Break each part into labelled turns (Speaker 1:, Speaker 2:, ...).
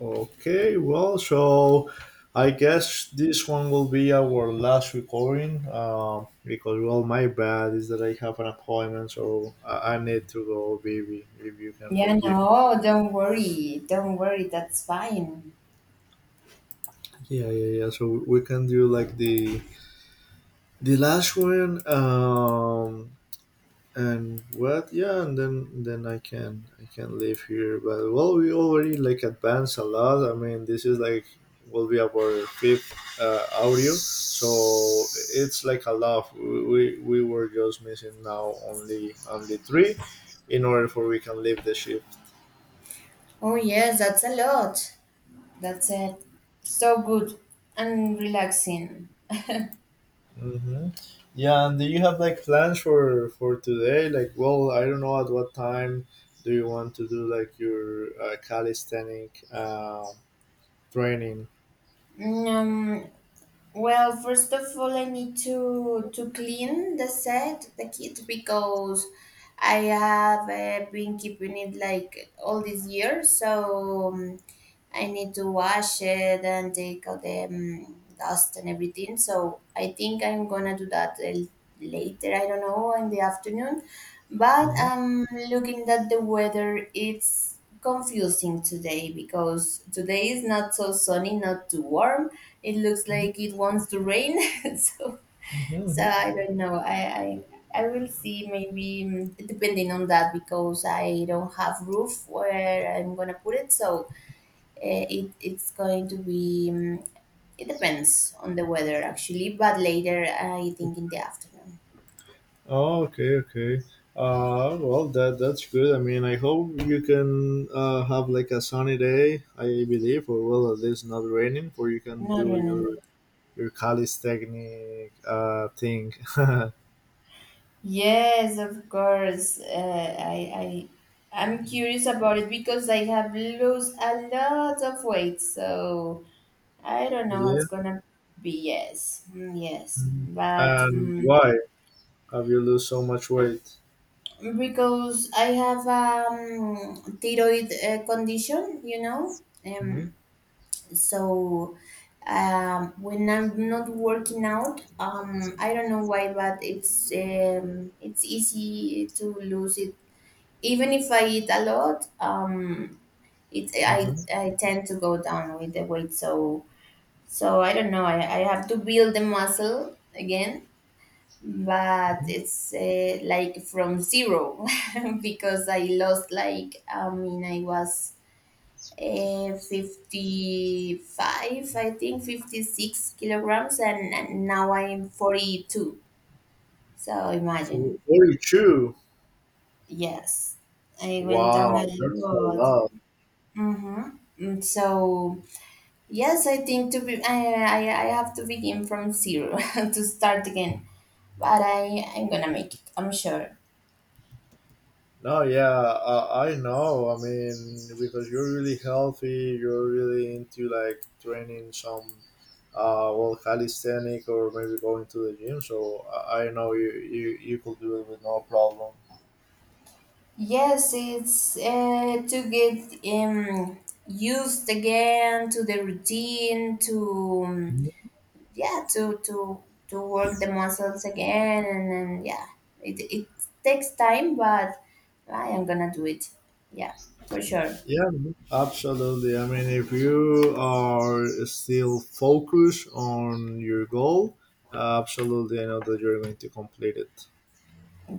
Speaker 1: Okay, well, so I guess this one will be our last recording because, well, my bad is that I have an appointment, so I need to go, baby, if you can
Speaker 2: Yeah,
Speaker 1: forgive me.
Speaker 2: no, don't worry. Don't worry. That's fine.
Speaker 1: Yeah, yeah, yeah. So we can do like the last one. And what yeah and then then I can live here but well we already like advanced a lot. I mean, this is like will be our fifth audio. So it's like a lot. We were just missing now only three in order for we can leave the ship.
Speaker 2: Oh, yes, that's a lot. That's it. So good and relaxing.
Speaker 1: Hmm. Yeah, and do you have like plans for today? Like, well, I don't know at what time do you want to do like your calisthenic training?
Speaker 2: Mm, Um, Well, first of all, I need to clean the set, the kit, because I have been keeping it like all this year. So I need to wash it and take out the dust and everything. So I think I'm gonna do that later. I don't know in the afternoon. But I'm looking at the weather. It's confusing today because today is not so sunny, not too warm. It looks
Speaker 1: Mhm.
Speaker 2: like it wants to rain. so, so I don't know. I will see maybe depending on that because I don't have roof where I'm gonna put it. So it's going to be. It depends on the weather actually, but later I think in the afternoon.
Speaker 1: Oh, okay, okay. Well, that's good. I mean, I hope you can have like a sunny day, I believe, or well, at least not raining, where you can
Speaker 2: Not
Speaker 1: do
Speaker 2: running.
Speaker 1: your calisthenic thing.
Speaker 2: Yes, of course. I'm curious about it because I have lost a lot of weight, so I don't know
Speaker 1: Yeah.
Speaker 2: what's gonna be. Yes, yes,
Speaker 1: Mhm.
Speaker 2: but
Speaker 1: And why have you lose so much weight?
Speaker 2: because I have thyroid condition,
Speaker 1: Mm-hmm.
Speaker 2: um, so when I'm not working out, I don't know why, but it's easy to lose it. Even if I eat a lot, it
Speaker 1: Mm-hmm.
Speaker 2: I tend to go down with the weight. So so I don't know. I have to build the muscle again, but it's like from zero because I lost like I mean I was 55 I think 56 kilograms, and now I'm 42, so imagine.
Speaker 1: 42.
Speaker 2: Yes, I went down a
Speaker 1: Wow, that's a
Speaker 2: lot.
Speaker 1: lot.
Speaker 2: Mm-hmm. So yes, I think to be I have to begin from zero to start again, but I'm gonna make it. I'm sure.
Speaker 1: No, yeah, I know. I mean, because you're really healthy, you're really into like training some, well, calisthenic, or maybe going to the gym. So I know you, you could do it with no problem.
Speaker 2: Yes, it's to get used again to the routine to yeah to to work the muscles again, and then yeah it takes time, but I am gonna do it. Yeah, for sure.
Speaker 1: Yeah, absolutely. I mean, if you are still focused on your goal, absolutely, I know that you're going to complete it.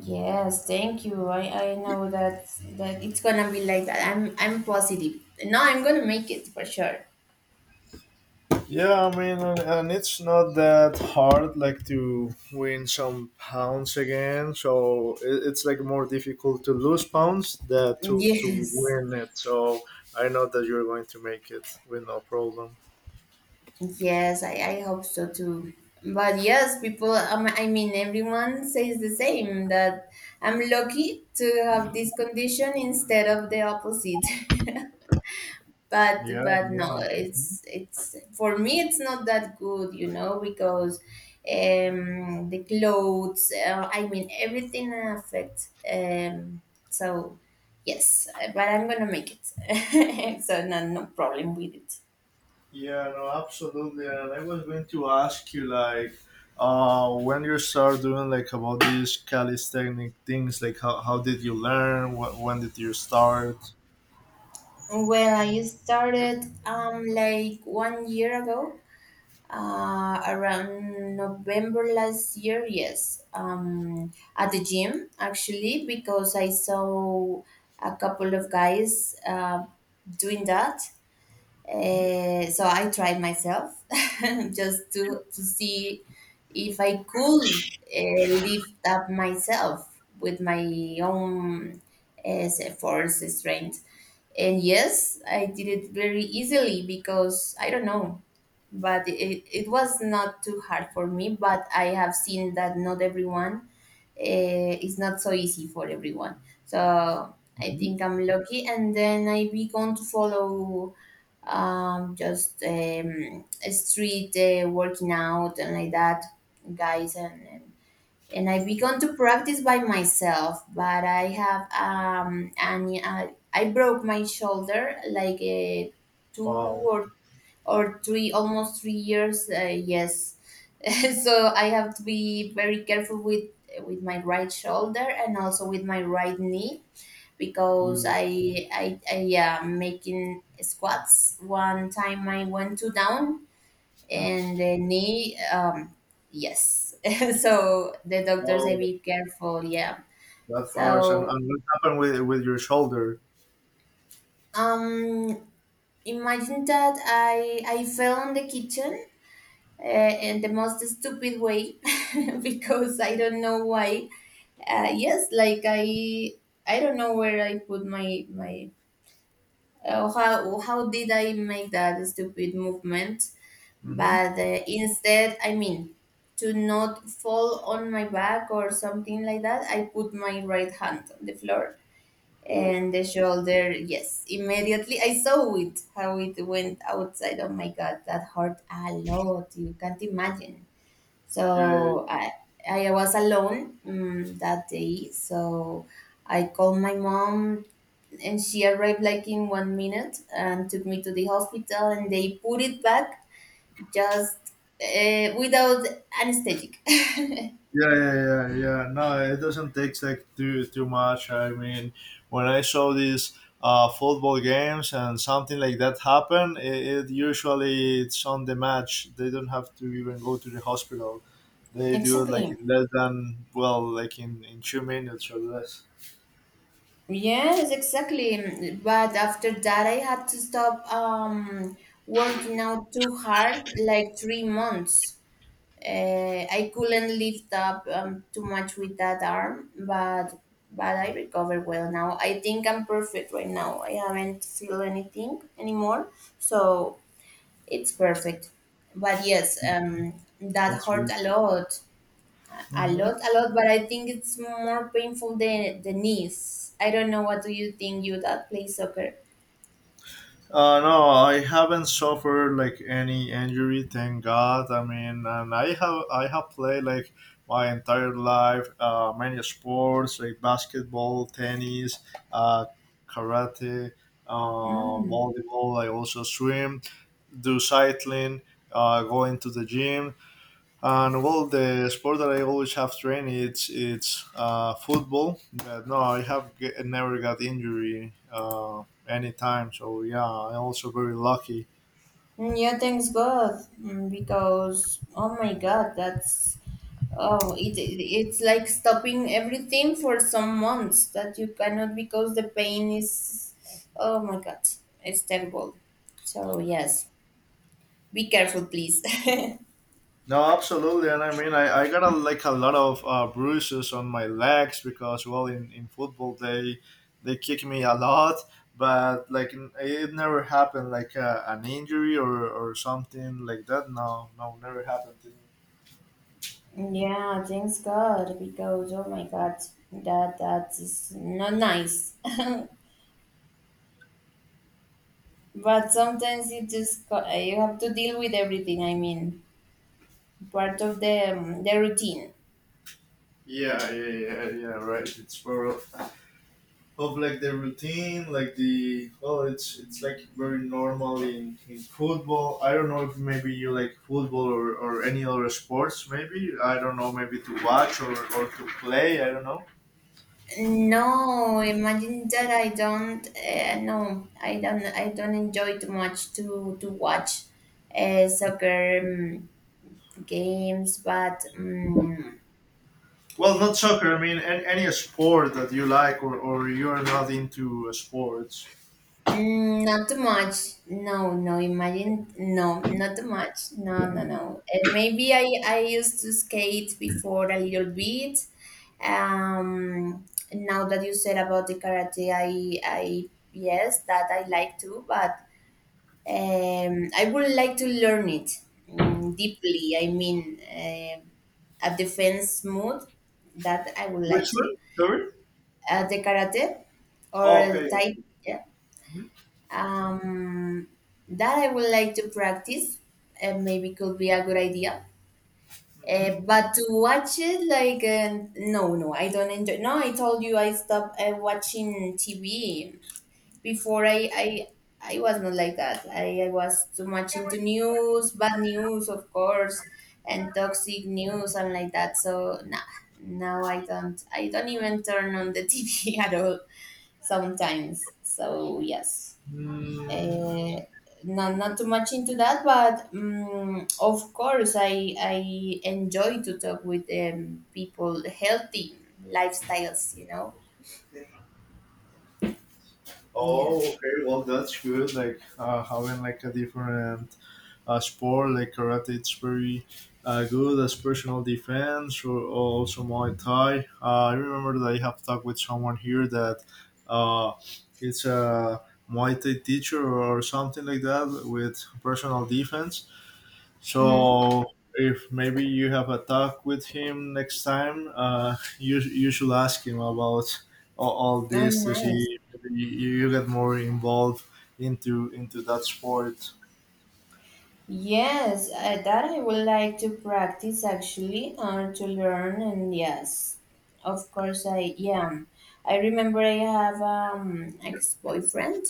Speaker 2: Yes, thank you. I know that it's gonna be like that. I'm positive. No, I'm gonna make it for sure.
Speaker 1: Yeah, I mean, and, it's not that hard, like to win some pounds again. So it's like more difficult to lose pounds than to
Speaker 2: Yes.
Speaker 1: win it. So I know that you're going to make it with no problem.
Speaker 2: Yes, I hope so too. But yes, people, I mean, everyone says the same that I'm lucky to have this condition instead of the opposite. but
Speaker 1: Yeah,
Speaker 2: but
Speaker 1: yeah,
Speaker 2: no, it's for me, it's not that good, because the clothes, I mean everything affects, so yes, but I'm gonna make it so no, no problem with it.
Speaker 1: yeah. No, absolutely. And I was going to ask you, like, when you start doing like about these calisthenic things, like how did you learn? What when did you start?
Speaker 2: Well, I started like one year ago, around November last year, yes, at the gym actually, because I saw a couple of guys doing that. So I tried myself just to see if I could lift up myself with my own uh, force strength. And yes, I did it very easily because I don't know, but it was not too hard for me. But I have seen that not everyone, is not so easy for everyone. So I
Speaker 1: Mhm.
Speaker 2: think I'm lucky, and then I began to follow just street working out and like that, guys. And I began to practice by myself, but I have and I broke my shoulder like two
Speaker 1: Wow.
Speaker 2: or or three, almost 3 years. Yes, so I have to be very careful with my right shoulder and also with my right knee because
Speaker 1: Ooh.
Speaker 2: I making squats. One time I went to down and the knee. Yes, so the doctor
Speaker 1: Oh,
Speaker 2: said be careful. Yeah.
Speaker 1: that's harsh. And,
Speaker 2: So
Speaker 1: what happened with your shoulder?
Speaker 2: um, imagine that I fell in the kitchen. In the most stupid way because I don't know why, yes, like I don't know where I put my. How did I make that stupid movement?
Speaker 1: Mm-hmm.
Speaker 2: But instead, I mean, to not fall on my back or something like that, I put my right hand on the floor
Speaker 1: Oof.
Speaker 2: and the shoulder. Yes, immediately I saw it how it went outside. Oh my god, that hurt a lot. You can't imagine.
Speaker 1: Yeah, yeah.
Speaker 2: So I was alone that day. So I called my mom, and she arrived like in one minute and took me to the hospital and they put it back just, without anesthetic.
Speaker 1: Yeah, yeah, yeah, yeah. No, it doesn't take like too too much. I mean, when I saw these football games and something like that happen, it usually it's on the match. They don't have to even go to the hospital. They do it like
Speaker 2: Exactly.
Speaker 1: in less than, well, like in 2 minutes or less.
Speaker 2: Yes, exactly. But after that, I had to stop, working out too hard, like 3 months. I couldn't lift up too much with that arm, but I recover well now. I think I'm perfect right now. I haven't feel anything anymore, so it's perfect. But yes, that
Speaker 1: That's
Speaker 2: hurt a lot, a
Speaker 1: weird.
Speaker 2: lot, a lot. But I think it's more painful than the knees. I don't know. What do you think? You that play soccer?
Speaker 1: No, I haven't suffered like any injury, thank God. I mean, and I have played like my entire life, many sports like basketball, tennis, uh, karate,
Speaker 2: Mm.
Speaker 1: volleyball. I also swim, do cycling, go into the gym. And well, the sport that I always have trained, it's football. But no, I have g- never got injury anytime. So yeah, I'm also very lucky.
Speaker 2: Yeah, thanks God, because oh my God, that's. Oh, it's like stopping everything for some months that you cannot, because the pain is, oh my God, it's terrible. So, yes, be careful, please.
Speaker 1: No, absolutely. And I mean, I got a, like a lot of bruises on my legs because well, in football they kick me a lot. But like n- it never happened like an injury or something like that. No, no, never happened to me.
Speaker 2: Yeah, thanks God, because oh my God, that is not nice. But sometimes it just, you have to deal with everything. I mean, part of the routine.
Speaker 1: Yeah, yeah, yeah, yeah. Right. It's for of like the routine, like the oh, it's like very normal in football. I don't know if maybe you like football or any other sports. Maybe I don't know. Maybe to watch or to play. I don't know.
Speaker 2: No, imagine that I don't. No, I don't. I don't enjoy too much to watch soccer games, but
Speaker 1: Well, not soccer. I mean, any sport that you like, or you're not into sports.
Speaker 2: not too much. No, no. Imagine, no, not too much. No, no, no. And maybe I used to skate before a little bit. Um, Now that you said about the karate, I yes, that I like too, but I would like to learn it, deeply. I mean, a defense mode that I would like
Speaker 1: Which
Speaker 2: to.
Speaker 1: one? Sorry.
Speaker 2: The karate or
Speaker 1: Oh,
Speaker 2: the
Speaker 1: okay.
Speaker 2: tai. Yeah.
Speaker 1: Mhm.
Speaker 2: Um, that I would like to practice. Maybe could be a good idea.
Speaker 1: Mhm.
Speaker 2: But to watch it, like, no, no, I don't enjoy. No, I told you I stopped watching TV before I was not like that. I was too much into news, bad news of course, and toxic news and like that. So nah, now I don't even turn on the TV at all sometimes. So yes.
Speaker 1: Mm,
Speaker 2: Uh, Not, not too much into that, but of course I enjoy to talk with people healthy lifestyles.
Speaker 1: oh,
Speaker 2: Yeah.
Speaker 1: okay. Well, that's good. Like having like a different sport like karate. It's very good as personal defense or also Muay Thai. I remember that I have talked with someone here that uh, it's a Muay Thai teacher or something like that with personal defense.
Speaker 2: Mm-hmm.
Speaker 1: So if maybe you have a talk with him next time, you should ask him about all
Speaker 2: Oh,
Speaker 1: this to
Speaker 2: nice.
Speaker 1: see if maybe you, you get more involved into that sport.
Speaker 2: Yes, I that I would like to practice actually and to learn. And yes, of course I am. I remember I have ex-boyfriend.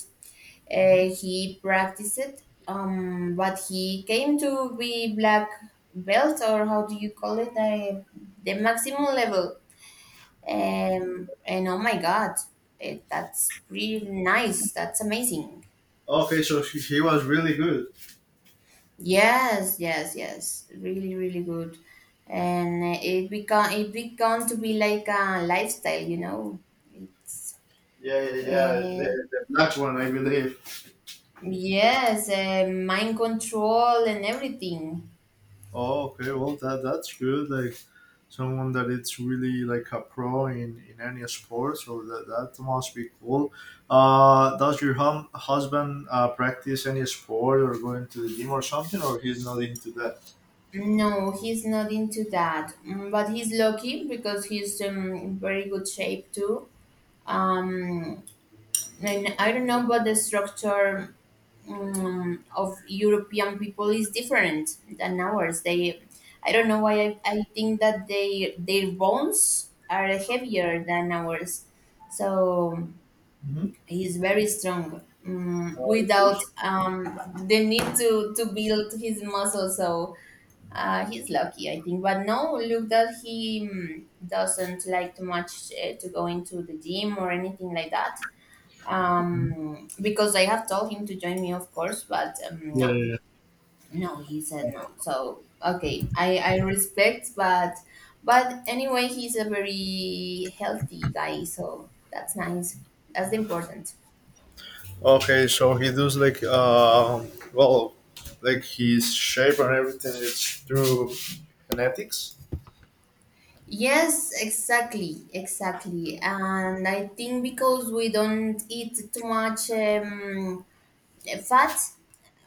Speaker 2: He practiced it, but he came to be black belt or how do you call it? I, the maximum level. And oh my God, that's really nice. That's amazing.
Speaker 1: Okay, so she was really good.
Speaker 2: Yes, yes, yes. Really, really good. And it become to be like a lifestyle.
Speaker 1: Yeah, yeah, yeah.
Speaker 2: Uh,
Speaker 1: The black one, I believe.
Speaker 2: yes, mind control and everything.
Speaker 1: Oh, okay. Well, that's good. Like someone that it's really like a pro in any sport. So that must be cool. Does your husband practice any sport or going to the gym or something, or he's not into that?
Speaker 2: No, he's not into that. But he's lucky because he's in very good shape too. Um, and I don't know, but the structure of European people is different than ours. They, I don't know why I think that they their bones are heavier than ours, so
Speaker 1: Mhm.
Speaker 2: he's very strong
Speaker 1: Uh,
Speaker 2: without the need to build his muscle. So he's lucky, I think. But no, look that he doesn't like too much to go into the gym or anything like that, because I have told him to join me, of course, but no,
Speaker 1: yeah,
Speaker 2: no, he
Speaker 1: yeah.
Speaker 2: said no. So okay, I respect, but anyway, he's a very healthy guy, so that's nice. That's important.
Speaker 1: Okay, so he does like well, like his shape and everything. It's through genetics.
Speaker 2: Yes, exactly, exactly. And I think because we don't eat too much fat,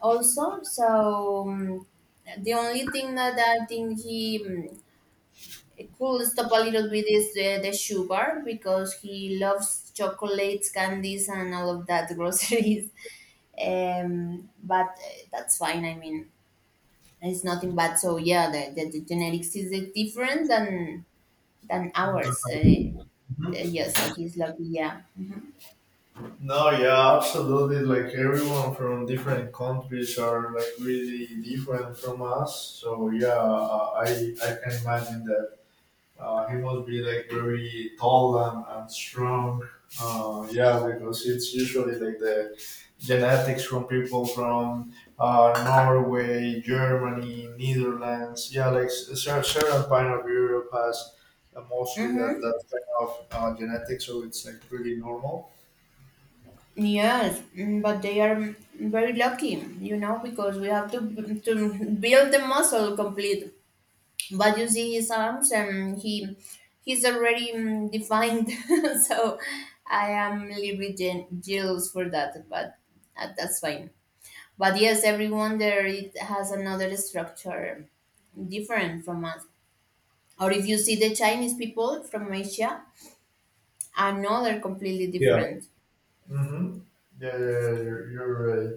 Speaker 2: also, so the only thing that I think he could stop a little bit is the sugar because he loves chocolates, candies, and all of that groceries. But that's fine. I mean, it's nothing bad. So yeah, the genetics is different than ours. Yes, so he's lucky. Yeah. hmm
Speaker 1: No, yeah, absolutely. Like everyone from different countries are like really different from us. So yeah, I can imagine that he must be like very tall and strong. Yeah, because it's usually like the genetics from people from Norway, Germany, Netherlands. Yeah, like s- cer- certain part of Europe has mostly that that
Speaker 2: Mm-hmm.
Speaker 1: kind of genetics, so it's like pretty normal.
Speaker 2: Yes, but they are very lucky, because we have to to build the muscle complete, but you see his arms and he's already defined so I am a little bit jealous for that, but that's fine, but yes, everyone there it has another structure different from us, or if you see the Chinese people from Asia, another completely different.
Speaker 1: Mm-hmm. Yeah, yeah, yeah, you're right.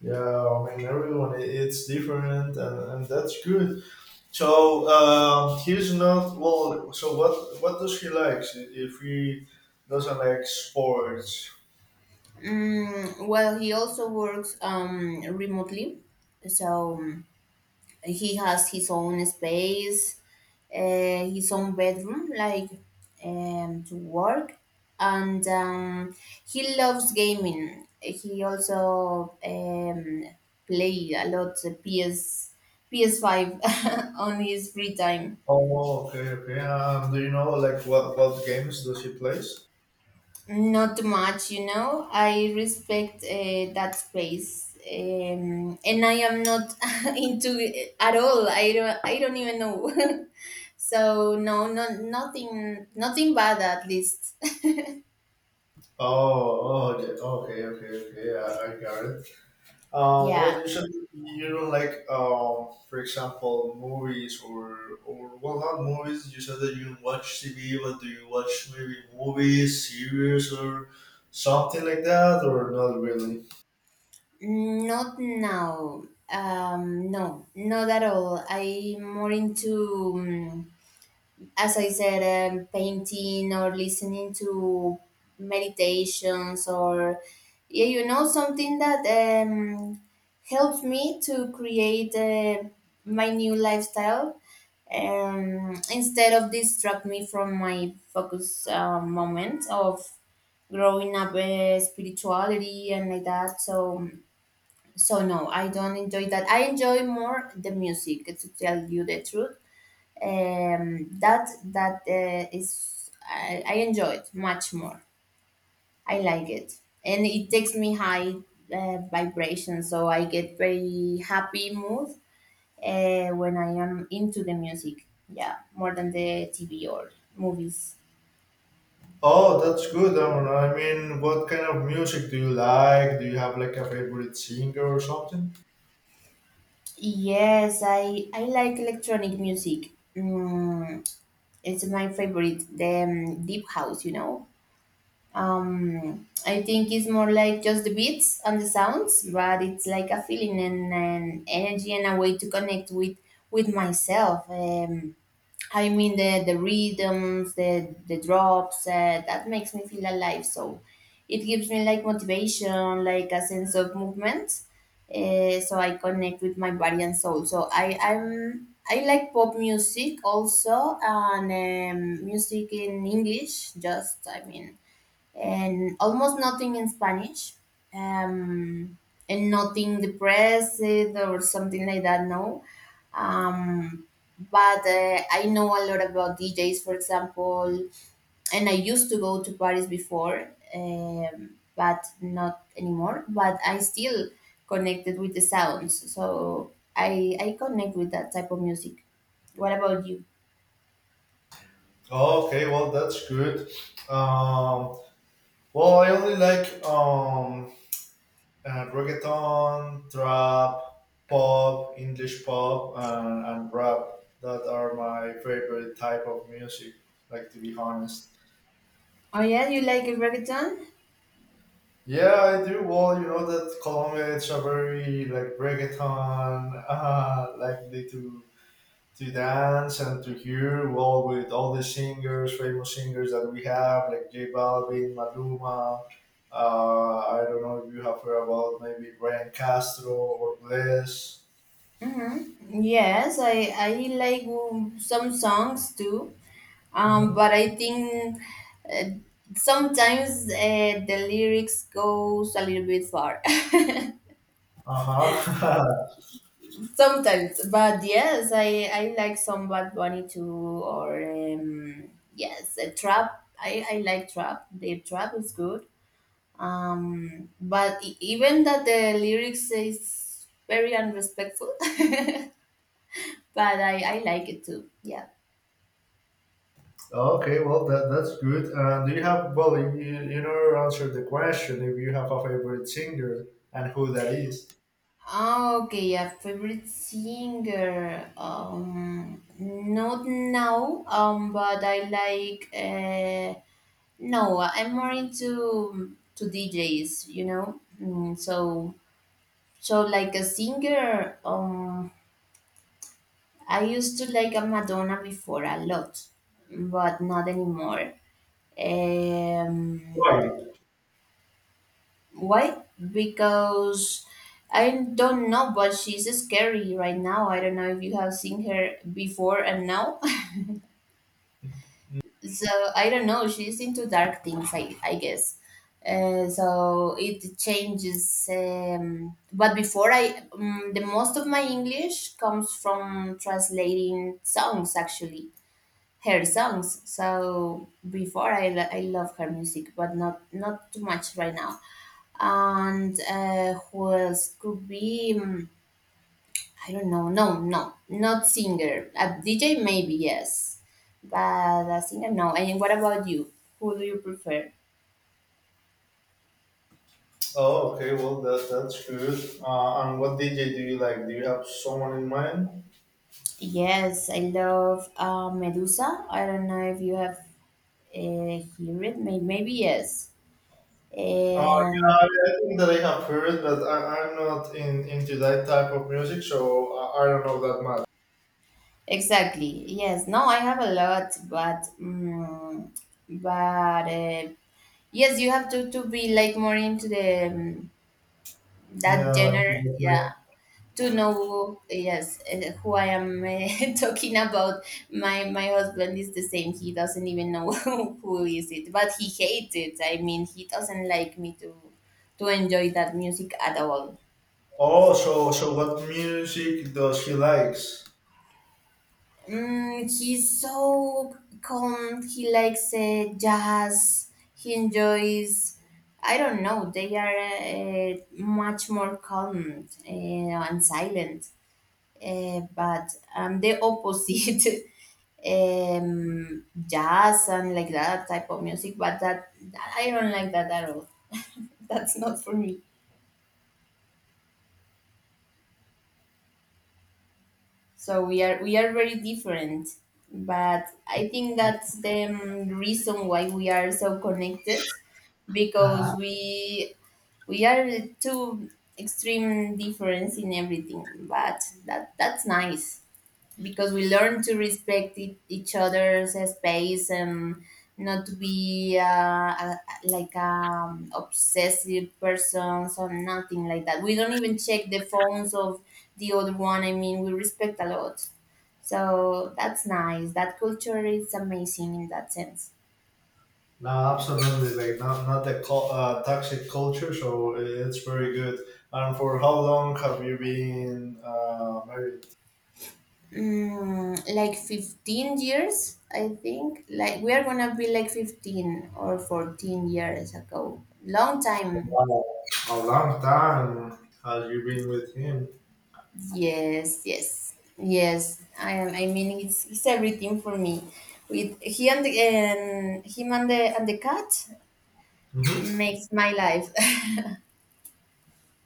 Speaker 1: Yeah, I mean, everyone, I- it's different, and, that's good. So, he's not, well, so what does he like, I- if he doesn't like sports?
Speaker 2: Well, he also works remotely, so he has his own space, his own bedroom, like to work, and he loves gaming. He also play a lot PS PS5 on his free time.
Speaker 1: Oh, okay, okay. Do you know, like, what games does he plays?
Speaker 2: Not too much. I respect that space, and I am not into it at all. I don't. I don't even know. So no, nothing bad at least.
Speaker 1: Oh, oh, okay, okay, okay, okay. I got it. Well,
Speaker 2: Yeah,
Speaker 1: usually you don't like, for example, movies or well, not movies. You said that you watch TV, but do you watch maybe movies, series, or something like that, or not really?
Speaker 2: not now. No, not at all. I'm more into, as I said, painting or listening to meditations or, yeah, something that helps me to create my new lifestyle instead of distract me from my focus moment of growing up spirituality and like that. So no, I don't enjoy that. I enjoy more the music to tell you the truth, that that is I enjoy it much more. I like it and it takes me high vibration, so I get very happy mood when I am into the music. Yeah, more than the TV or movies.
Speaker 1: Oh, that's good. I mean, what kind of music do you like? Do you have like a favorite singer or something?
Speaker 2: Yes, I like electronic music. It's my favorite, the deep house. I think it's more like just the beats and the sounds, but it's like a feeling and an energy and a way to connect with myself. I mean the rhythms, the drops that makes me feel alive. So it gives me like motivation, like a sense of movement. So I connect with my body and soul. So, I like pop music also and music in English. And almost nothing in Spanish, um, and nothing depressed or something like that. No, um, but I know a lot about DJs, for example, and I used to go to parties before, um, but not anymore. But I still connected with the sounds, so I connect with that type of music. What about you?
Speaker 1: Oh, okay, well, that's good. Um, well, I only like reggaeton, trap, pop, English pop, and rap. That are my favorite type of music. Like, to be honest.
Speaker 2: Oh yeah, you like reggaeton?
Speaker 1: Yeah, I do. Well, you know that Colombia it's a very like reggaeton, likely to dance and to hear. Well, with all the singers, famous singers that we have, like J Balvin, Maluma. I don't know if you have heard about maybe Ryan Castro or Bless.
Speaker 2: Yes, I like some songs too, but
Speaker 1: Mm-hmm.
Speaker 2: I think uh, sometimes the lyrics goes a little bit far.
Speaker 1: Uh-huh.
Speaker 2: Sometimes, but yes, I like some Bad Bunny too, or yes, a trap. I like trap. The trap is good. But even that the lyrics is very unrespectful, but I like it too. Yeah.
Speaker 1: Okay, well that's good. Do you have, well, you never answered the question if you have a favorite singer and who that is.
Speaker 2: Ah, okay, yeah, favorite singer. Not now. But I like. No, I'm more into to DJs. You know, so like a singer. I used to like a Madonna before a lot, but not anymore. Um,
Speaker 1: Why?
Speaker 2: Why? Because I don't know, but she's scary right now. I don't know if you have seen her before and now. So I don't know. She's into dark things, I guess. So it changes. The most of my English comes from translating songs, actually, her songs. So before I love her music, but not not too much right now. And who else could be? I don't know. No, no, not singer. A DJ maybe yes, but a singer no. And what about you? Who do you prefer?
Speaker 1: Oh, okay, well that's good. And what DJ do you like? Do you have someone in mind?
Speaker 2: Yes, I love Medusa. I don't know if you have uh, heard it. Maybe yes.
Speaker 1: Yeah,
Speaker 2: And
Speaker 1: I think that I have heard, but I'm not in into that type of music, so I don't know that much.
Speaker 2: exactly, yes. No, I have a lot, but yes, you have to be like more into the. That
Speaker 1: Yeah.
Speaker 2: genre, yeah, to know, yes, who I am, talking about. My husband is the same. He doesn't even know who is it, but he hates it. I mean, he doesn't like me to enjoy that music at all.
Speaker 1: Oh, so so what music does he likes?
Speaker 2: He's so calm. He likes jazz. He enjoys, I don't know, they are much more calm and silent. But I'm the opposite. Um, jazz and like that type of music, but that I don't like that at all. That's not for me. So we are very different, but I think that's the reason why we are so connected, because we are two extreme difference in everything. But that's nice, because we learn to respect each other's space and not to be like obsessive persons or nothing like that. We don't even check the phones of the other one. I mean, we respect a lot. So that's nice. That culture is amazing in that sense.
Speaker 1: No, absolutely. Like not not the cul- toxic culture, so it's very good. And for how long have you been married?
Speaker 2: Mm, like 15 years, I think. Like we are gonna be like 15 or 14 years ago. Long time.
Speaker 1: Wow, a long time. Have you been with him?
Speaker 2: Yes, yes, yes. I am. I mean, it's everything for me. With he and him and the cat
Speaker 1: Mhm.
Speaker 2: makes my life.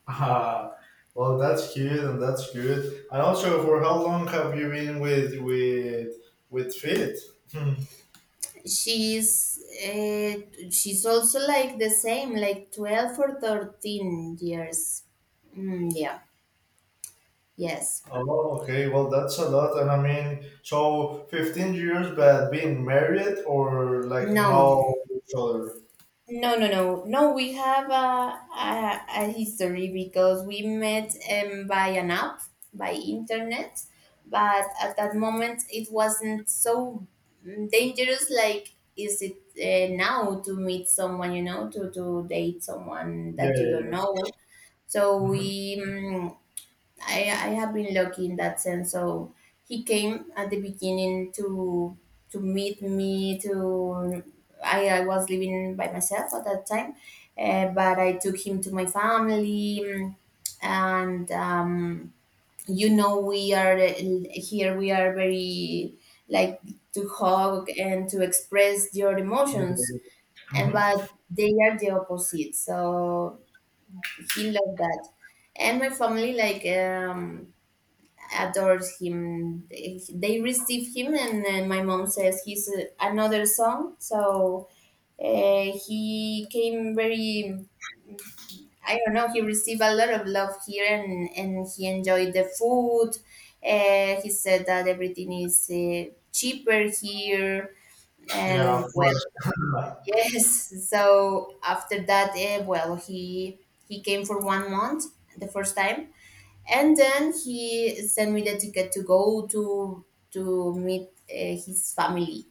Speaker 1: Ah, well, that's cute and that's good. And also, for how long have you been with with Fit? Hmm.
Speaker 2: She's she's also like the same, like 12 or 13 years. Mm, yeah. Yes.
Speaker 1: Oh, okay. Well, that's a lot. And I mean, so 15 years, but being married or like
Speaker 2: No.
Speaker 1: know each other.
Speaker 2: No, no. We have a history because we met by an app, by internet, but at that moment it wasn't so dangerous like is it now, to meet someone, you know, to date someone
Speaker 1: Yeah,
Speaker 2: that you
Speaker 1: yeah,
Speaker 2: don't
Speaker 1: yeah.
Speaker 2: know. So
Speaker 1: Mm-hmm.
Speaker 2: we mm I have been lucky in that sense. So he came at the beginning to meet me. To I was living by myself at that time, but I took him to my family, and you know we are here. We are very like to hug and to express your emotions, and
Speaker 1: Mm-hmm.
Speaker 2: but they are the opposite. So he loved that, and my family adores him. They receive him, and then my mom says he's another son. So he came very. I don't know. He received a lot of love here, and he enjoyed the food. He said that everything is cheaper here,
Speaker 1: Yeah,
Speaker 2: and
Speaker 1: of
Speaker 2: well,
Speaker 1: course.
Speaker 2: yes. So after that, he came for 1 month the first time, and then he sent me the ticket to go to meet his family.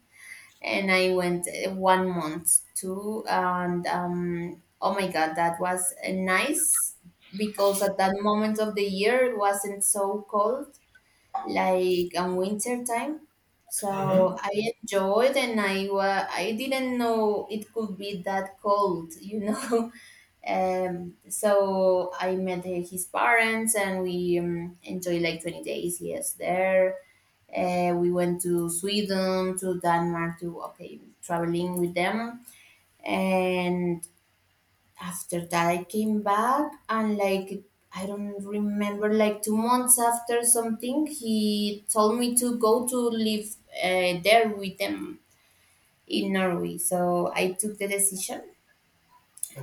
Speaker 2: And I went 1 month too. And oh my God, that was nice, because at that moment of the year it wasn't so cold like on winter time. So
Speaker 1: Mm-hmm.
Speaker 2: I enjoyed, and I didn't know it could be that cold, you know. So I met his parents and we enjoyed like 20 days. Yes, there. We went to Sweden, to Denmark, to okay, traveling with them. And after that, I came back and like I don't remember, like 2 months after something, he told me to go to live there with them in Norway. So I took the decision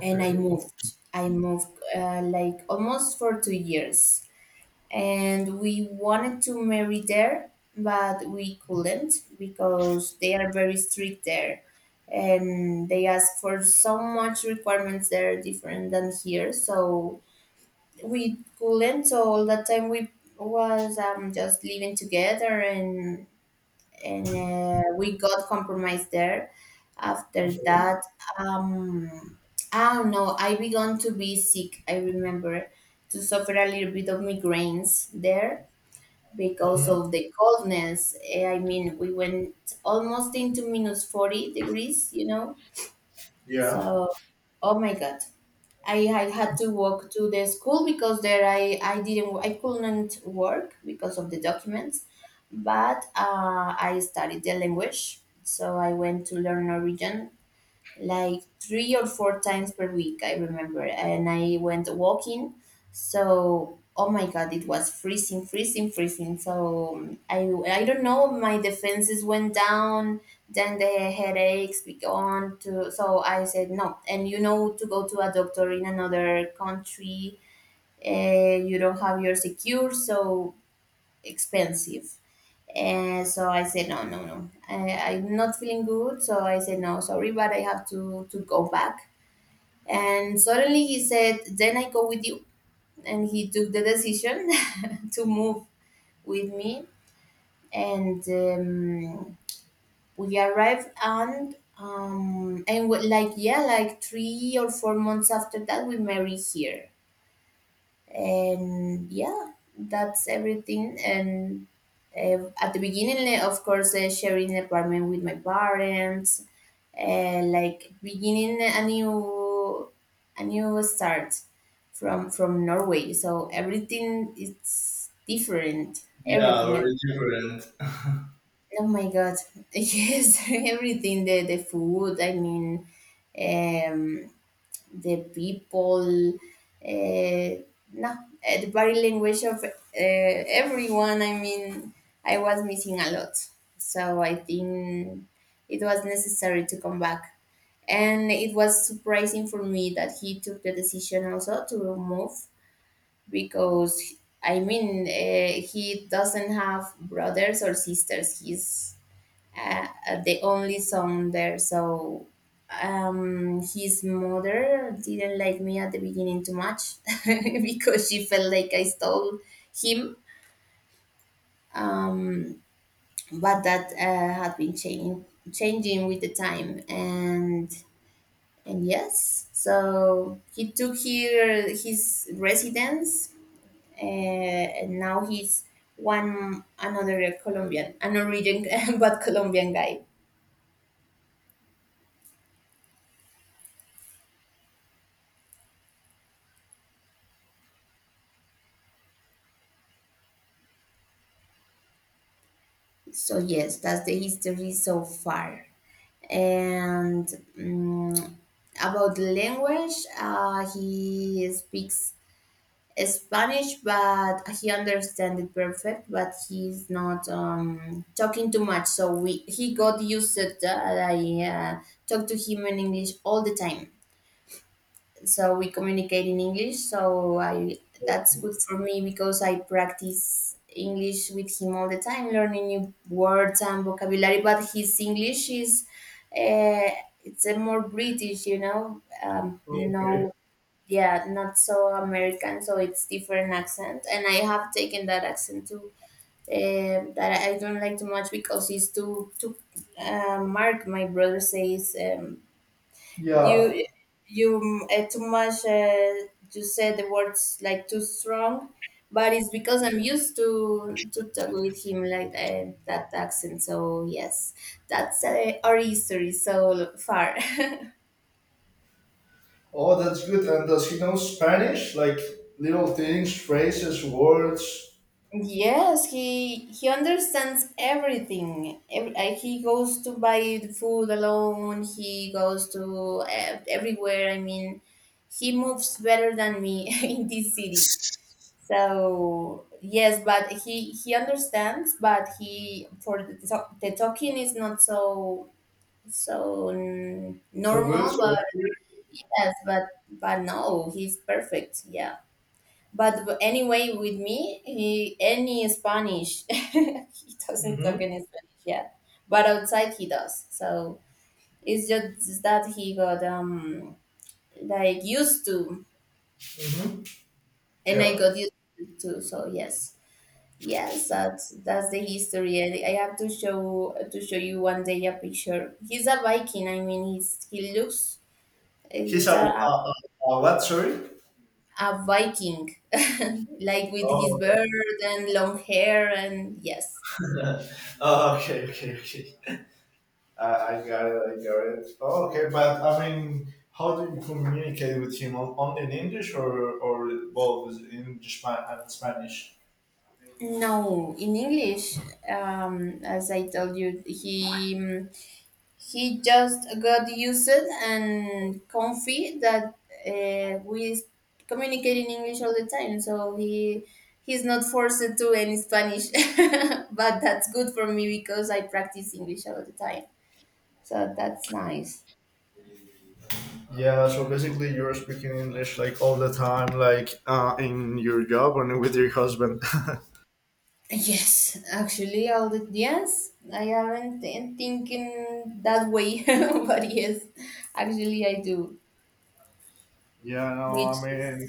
Speaker 2: and I moved. I moved like almost for 2 years, and we wanted to marry there, but we couldn't because they are very strict there, and they ask for so much requirements that are different than here. So we couldn't. So all that time we was just living together and we got compromised there. After
Speaker 1: Okay.
Speaker 2: that, um, I don't know. I began to be sick. I remember to suffer a little bit of migraines there because
Speaker 1: Mm-hmm.
Speaker 2: of the coldness. Eh, I mean, we went almost into minus 40 degrees. You know,
Speaker 1: Yeah.
Speaker 2: so oh my god, I had to walk to the school because there I couldn't work because of the documents, but I studied the language. So I went to learn Norwegian like three or four times per week, I remember. And I went walking. So, oh my God, it was freezing, freezing, freezing. So, I don't know, my defenses went down. Then the headaches began to. So, I said no. And you know, to go to a doctor in another country, you don't have your secure, so expensive. And so I said, no, no, no. I'm not feeling good. So I said, no, sorry, but I have to go back. And suddenly he said, then I go with you. And he took the decision to move with me. And we arrived and like yeah, like 3 or 4 months after that, we married here. And yeah, that's everything. And at the beginning, of course, sharing an apartment with my parents, like beginning a new, a new start from Norway. So everything is different,
Speaker 1: Yeah,
Speaker 2: everything
Speaker 1: very different.
Speaker 2: oh my god yes, everything, the food, I mean, um, the people, uh, no, eh, the body language of everyone. I mean, I was missing a lot. So I think it was necessary to come back. And it was surprising for me that he took the decision also to remove because, I mean, he doesn't have brothers or sisters. He's uh, the only son there. So his mother didn't like me at the beginning too much because she felt like I stole him. Um, but that had been changing, changing with the time, and yes, so he took here his residence, and now he's one another Colombian, an origin but Colombian guy. So yes, that's the history so far. And mm about the language, he speaks Spanish, but he understands it perfect. But he's not talking too much, so we he got used to that. I talk to him in English all the time, so we communicate in English. So I that's good for me because I practice English with him all the time, learning new words and vocabulary. But his English is uh, it's a more British, you know,
Speaker 1: Okay.
Speaker 2: yeah, not so American. So it's different accent, and I have taken that accent too. That I don't like too much because it's too. Mark, my brother says.
Speaker 1: Yeah.
Speaker 2: You you too much you said the words like too strong, but it's because I'm used to talk with him like that accent. So yes, that's our history so far.
Speaker 1: Oh, that's good. And does he know Spanish? Like little things, phrases, words.
Speaker 2: Yes, he understands everything. He goes to buy the food alone, he goes to everywhere, I mean, he moves better than me in this city. So yes, but he understands, but he for the talking is not so
Speaker 1: So
Speaker 2: normal.
Speaker 1: good. So
Speaker 2: But
Speaker 1: accurate.
Speaker 2: yes, but no, he's perfect. Yeah. But anyway, with me, he any Spanish, he doesn't talk
Speaker 1: Mm-hmm.
Speaker 2: any Spanish yet. But outside, he does. So it's just that he got like used to,
Speaker 1: Mm-hmm.
Speaker 2: and I
Speaker 1: Yeah.
Speaker 2: got used to. So yes. Yes, that's the history. I have to show you one day a picture. He's a Viking. I mean, he looks
Speaker 1: He's
Speaker 2: he's
Speaker 1: a what? Sorry.
Speaker 2: a Viking, like with his
Speaker 1: Oh,
Speaker 2: beard and long hair. And yes.
Speaker 1: okay. Oh, okay. Okay. Okay. I got it. I got it. Oh, okay, but I mean, how do you communicate with him? On- only in English or both in English spa- and Spanish?
Speaker 2: No, in English, as I told you, he just got used and comfy that we communicate in English all the time, so he's not forced to any Spanish. But that's good for me because I practice English all the time, so that's nice.
Speaker 1: Yeah. So basically, you're speaking English like all the time, like in your job and with your husband.
Speaker 2: Yes, actually, all the yes, I haven't been thinking that way, but yes, actually, I do,
Speaker 1: Yeah. No, I
Speaker 2: which is.
Speaker 1: mean,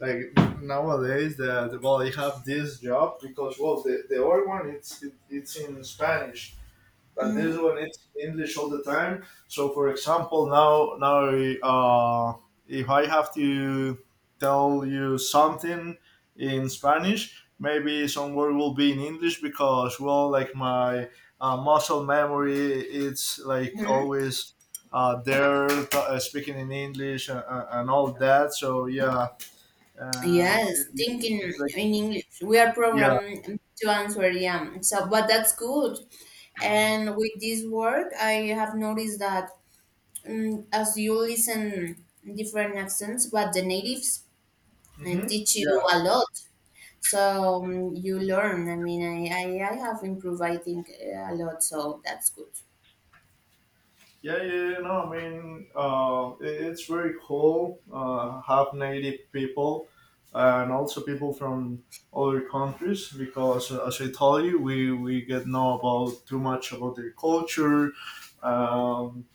Speaker 1: like nowadays, the, well, you have this job because well, the other one it's in Spanish. But this one it's English all the time. So for example, now now uh, if I have to tell you something in Spanish, maybe some word will be in English because well, like my muscle memory, it's like always. There t- speaking in English and, all that. So yeah, and
Speaker 2: Yes,
Speaker 1: it, yeah,
Speaker 2: thinking
Speaker 1: it's like
Speaker 2: in English. We are
Speaker 1: yeah,
Speaker 2: programmed to answer, yeah. So, but that's good. And with this work, I have noticed that as you listen different accents, but the natives
Speaker 1: hmm
Speaker 2: teach you
Speaker 1: yeah.
Speaker 2: a lot. So you learn. I mean, I have improved, I think, a lot. So that's good.
Speaker 1: Yeah, yeah, yeah, no, I mean, it- it's very cool. Have native people and also people from other countries because, as I told you, we get know about too much about their culture, um,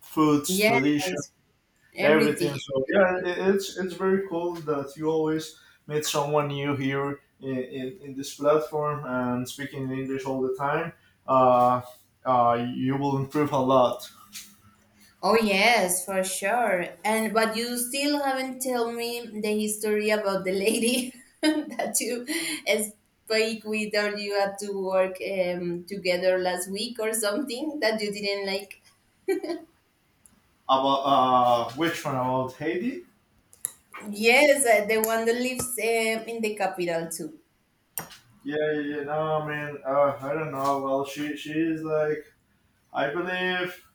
Speaker 1: foods, tradition,
Speaker 2: Yes,
Speaker 1: everything.
Speaker 2: everything.
Speaker 1: So yeah, it's very cool that you always meet someone new here in this platform and speaking English all the time. Uh, you will improve a lot.
Speaker 2: Oh yes, for sure. And but you still haven't told me the history about the lady that you spoke with, or you had to work together last week or something that you didn't like.
Speaker 1: About which one? About Haiti?
Speaker 2: Yes, the one that lives in the capital too.
Speaker 1: Yeah, yeah, yeah. No, I mean, I don't know. Well, she is like, I believe,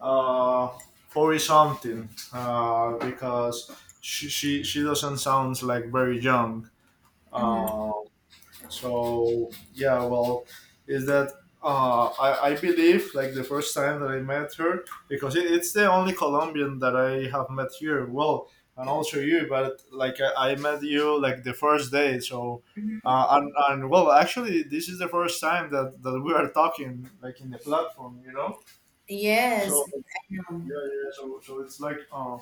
Speaker 1: uh, 40 something, because she doesn't sound like very young. uh, So yeah, well, is that I believe like the first time that I met her because it's the only Colombian that I have met here. Well, and also you, but like I met you like the first day. So and well, actually, this is the first time that we are talking like in the platform, So
Speaker 2: Yes, I
Speaker 1: yeah,
Speaker 2: know.
Speaker 1: yeah. So it's like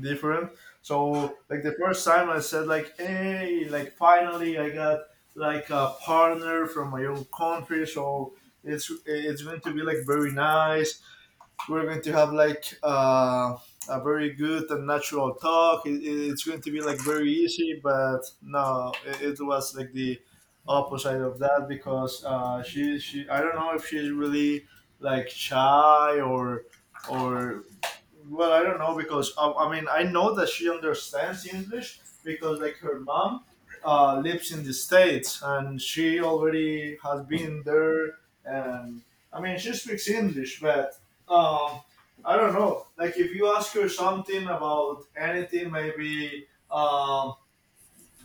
Speaker 1: different. So like the first time I said like, hey, like finally I got like a partner from my own country, so it's going to be like very nice, we're going to have like a very good and natural talk. It's going to be like very easy, but no, it was like the opposite of that because she I don't know if she's really like shy or well I don't know because I mean I know that she understands English because like her mom lives in the states and she already has been there and I mean she speaks English but um, I don't know. Like if you ask her something about anything, maybe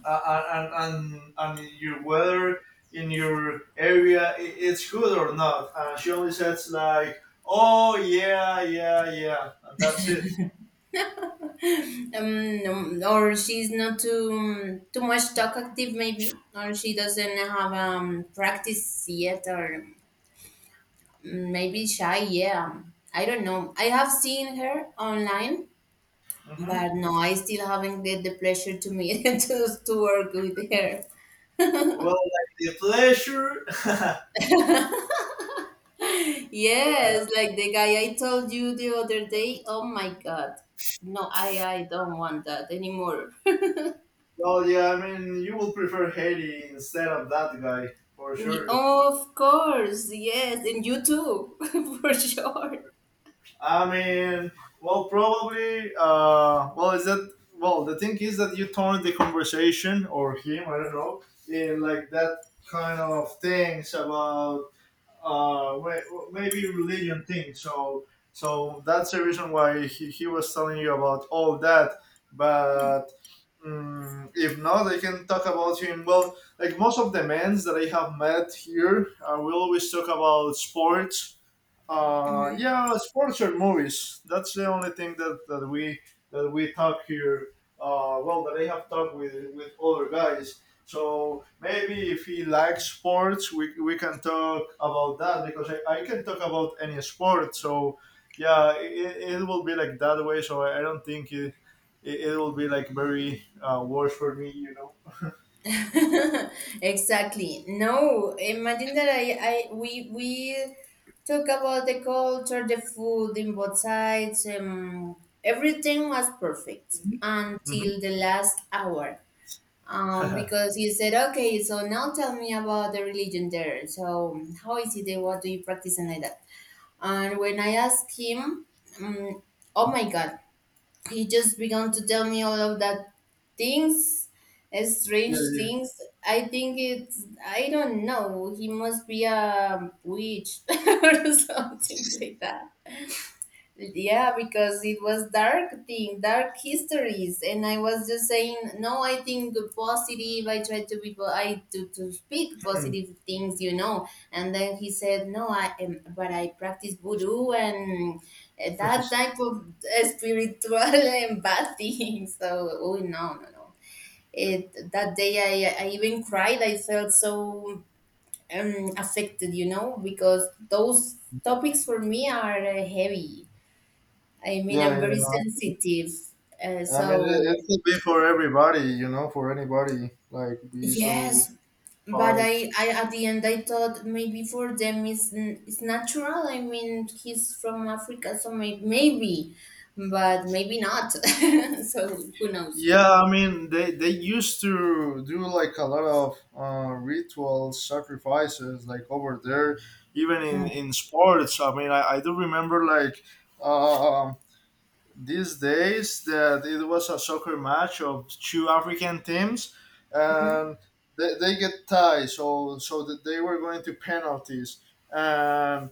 Speaker 1: and your weather in your area, it's good or not, and she only says like, "Oh yeah, yeah, yeah," and that's it.
Speaker 2: Or she's not too too much talkative maybe, or she doesn't have practice yet, or maybe shy, yeah. I don't know. I have seen her online,
Speaker 1: Hmm.
Speaker 2: but no, I still haven't get the pleasure to meet to work with her.
Speaker 1: Well, like the pleasure.
Speaker 2: Yes, like the guy I told you the other day. Oh my god. No, I don't want that anymore.
Speaker 1: Well, yeah. I mean, you will prefer Haiti instead of that guy for
Speaker 2: Ye-
Speaker 1: sure.
Speaker 2: Of course, yes, and you too, for sure.
Speaker 1: I mean, well, probably. Well, is that well? The thing is that you turned the conversation or him, I don't know, in like that kind of things about maybe religion thing. So, so that's the reason why he was telling you about all that. But mm, if not, I can talk about him. Well, like most of the men that I have met here, we always talk about sports, yeah, sports or movies. That's the only thing that we talk here. Well, that I have talked with other guys. So maybe if he likes sports, we can talk about that because I can talk about any sport. So yeah, it will be like that way. So I don't think it will be like very worse for me.
Speaker 2: Exactly. No, imagine that I we talk about the culture, the food in both sides. Everything was perfect
Speaker 1: Hmm.
Speaker 2: until the last hour. Because you said, okay, so now tell me about the religion there. So how is it? There? What do you practice and like that? And when I asked him, um, oh my god, he just began to tell me all of that things,
Speaker 1: Yeah,
Speaker 2: strange
Speaker 1: yeah.
Speaker 2: things. I think it's, I don't know, he must be a witch or something like that. Yeah, because it was dark thing, dark histories, and I was just saying, no, I think positive. I try to be, po- I to speak positive things, you know. And then he said, no, I am, but I practice voodoo and
Speaker 1: Mhm.
Speaker 2: that type of spiritual and bad thing. So, oh no, no, no. It that day, I even cried. I felt so affected, you know, because those topics for me are heavy. I mean,
Speaker 1: Yeah,
Speaker 2: I'm very
Speaker 1: yeah.
Speaker 2: sensitive.
Speaker 1: I mean,
Speaker 2: So
Speaker 1: it could be for everybody, you know, for anybody. Like, be so
Speaker 2: yes, but
Speaker 1: hard.
Speaker 2: I at the end I thought maybe for them it's, n- it's natural. I mean, he's from Africa, so maybe, but maybe not. So who knows?
Speaker 1: Yeah, I mean, they used to do like a lot of ritual sacrifices, like over there, even in sports. I mean, I do remember like um these days that it was a soccer match of two African teams, and they get tied, so so that they were going to penalties and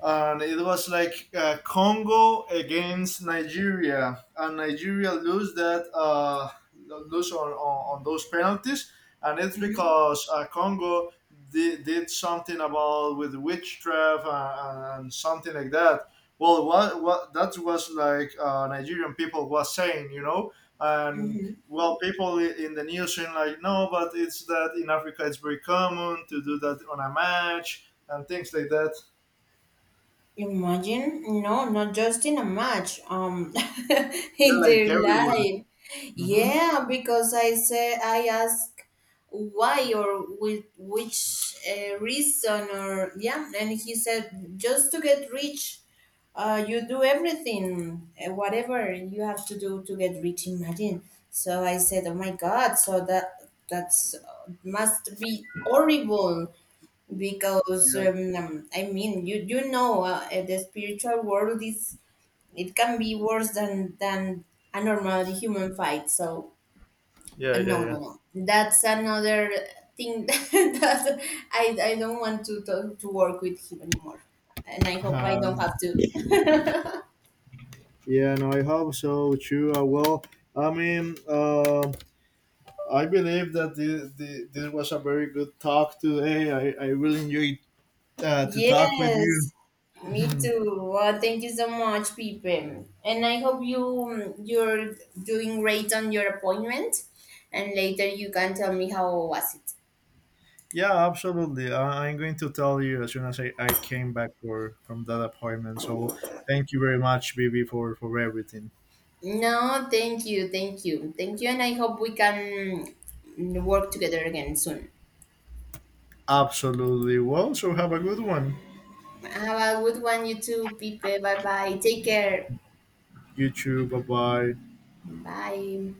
Speaker 1: and it was like Congo against Nigeria, and Nigeria lose that lose on, on those penalties, and it's
Speaker 2: Hmm.
Speaker 1: because Congo did something about with witchcraft and something like that. Well, what that was like Nigerian people was saying, you know, and
Speaker 2: Hmm.
Speaker 1: well, people in the news saying like, no, but it's that in Africa it's very common to do that on a match and things like that.
Speaker 2: Imagine, no, not just in a match,
Speaker 1: Yeah,
Speaker 2: in
Speaker 1: like
Speaker 2: their
Speaker 1: everywhere.
Speaker 2: life.
Speaker 1: Mm-hmm.
Speaker 2: Yeah, because I ask why or with which reason or yeah, and he said just to get rich, you do everything, whatever you have to do to get rich. Imagine. So I said, oh my God, so that that's must be horrible because
Speaker 1: Yeah.
Speaker 2: I mean you know the spiritual world is, it can be worse than a normal human fight. So
Speaker 1: Yeah,
Speaker 2: no,
Speaker 1: yeah,
Speaker 2: no, no, that's another thing that I don't want to work with him anymore, and I hope I
Speaker 1: yeah.
Speaker 2: don't have to.
Speaker 1: Yeah, no, I hope so too. Well, I mean, I believe that this was a very good talk today. I really enjoyed to talk with you.
Speaker 2: Yes, me too. Well, thank you so much, Pipe, and I hope you you're doing great on your appointment, and later you can tell me how was it.
Speaker 1: Yeah, absolutely. I'm going to tell you as soon as I came back for from that appointment. So thank you very much, Bibi, for everything.
Speaker 2: No, thank you, thank you, thank you, and I hope we can work together again soon.
Speaker 1: Absolutely. Well, so have a good one.
Speaker 2: Have a good one, you too, Pipe. Bye bye. Take care.
Speaker 1: You too. Bye bye.
Speaker 2: Bye.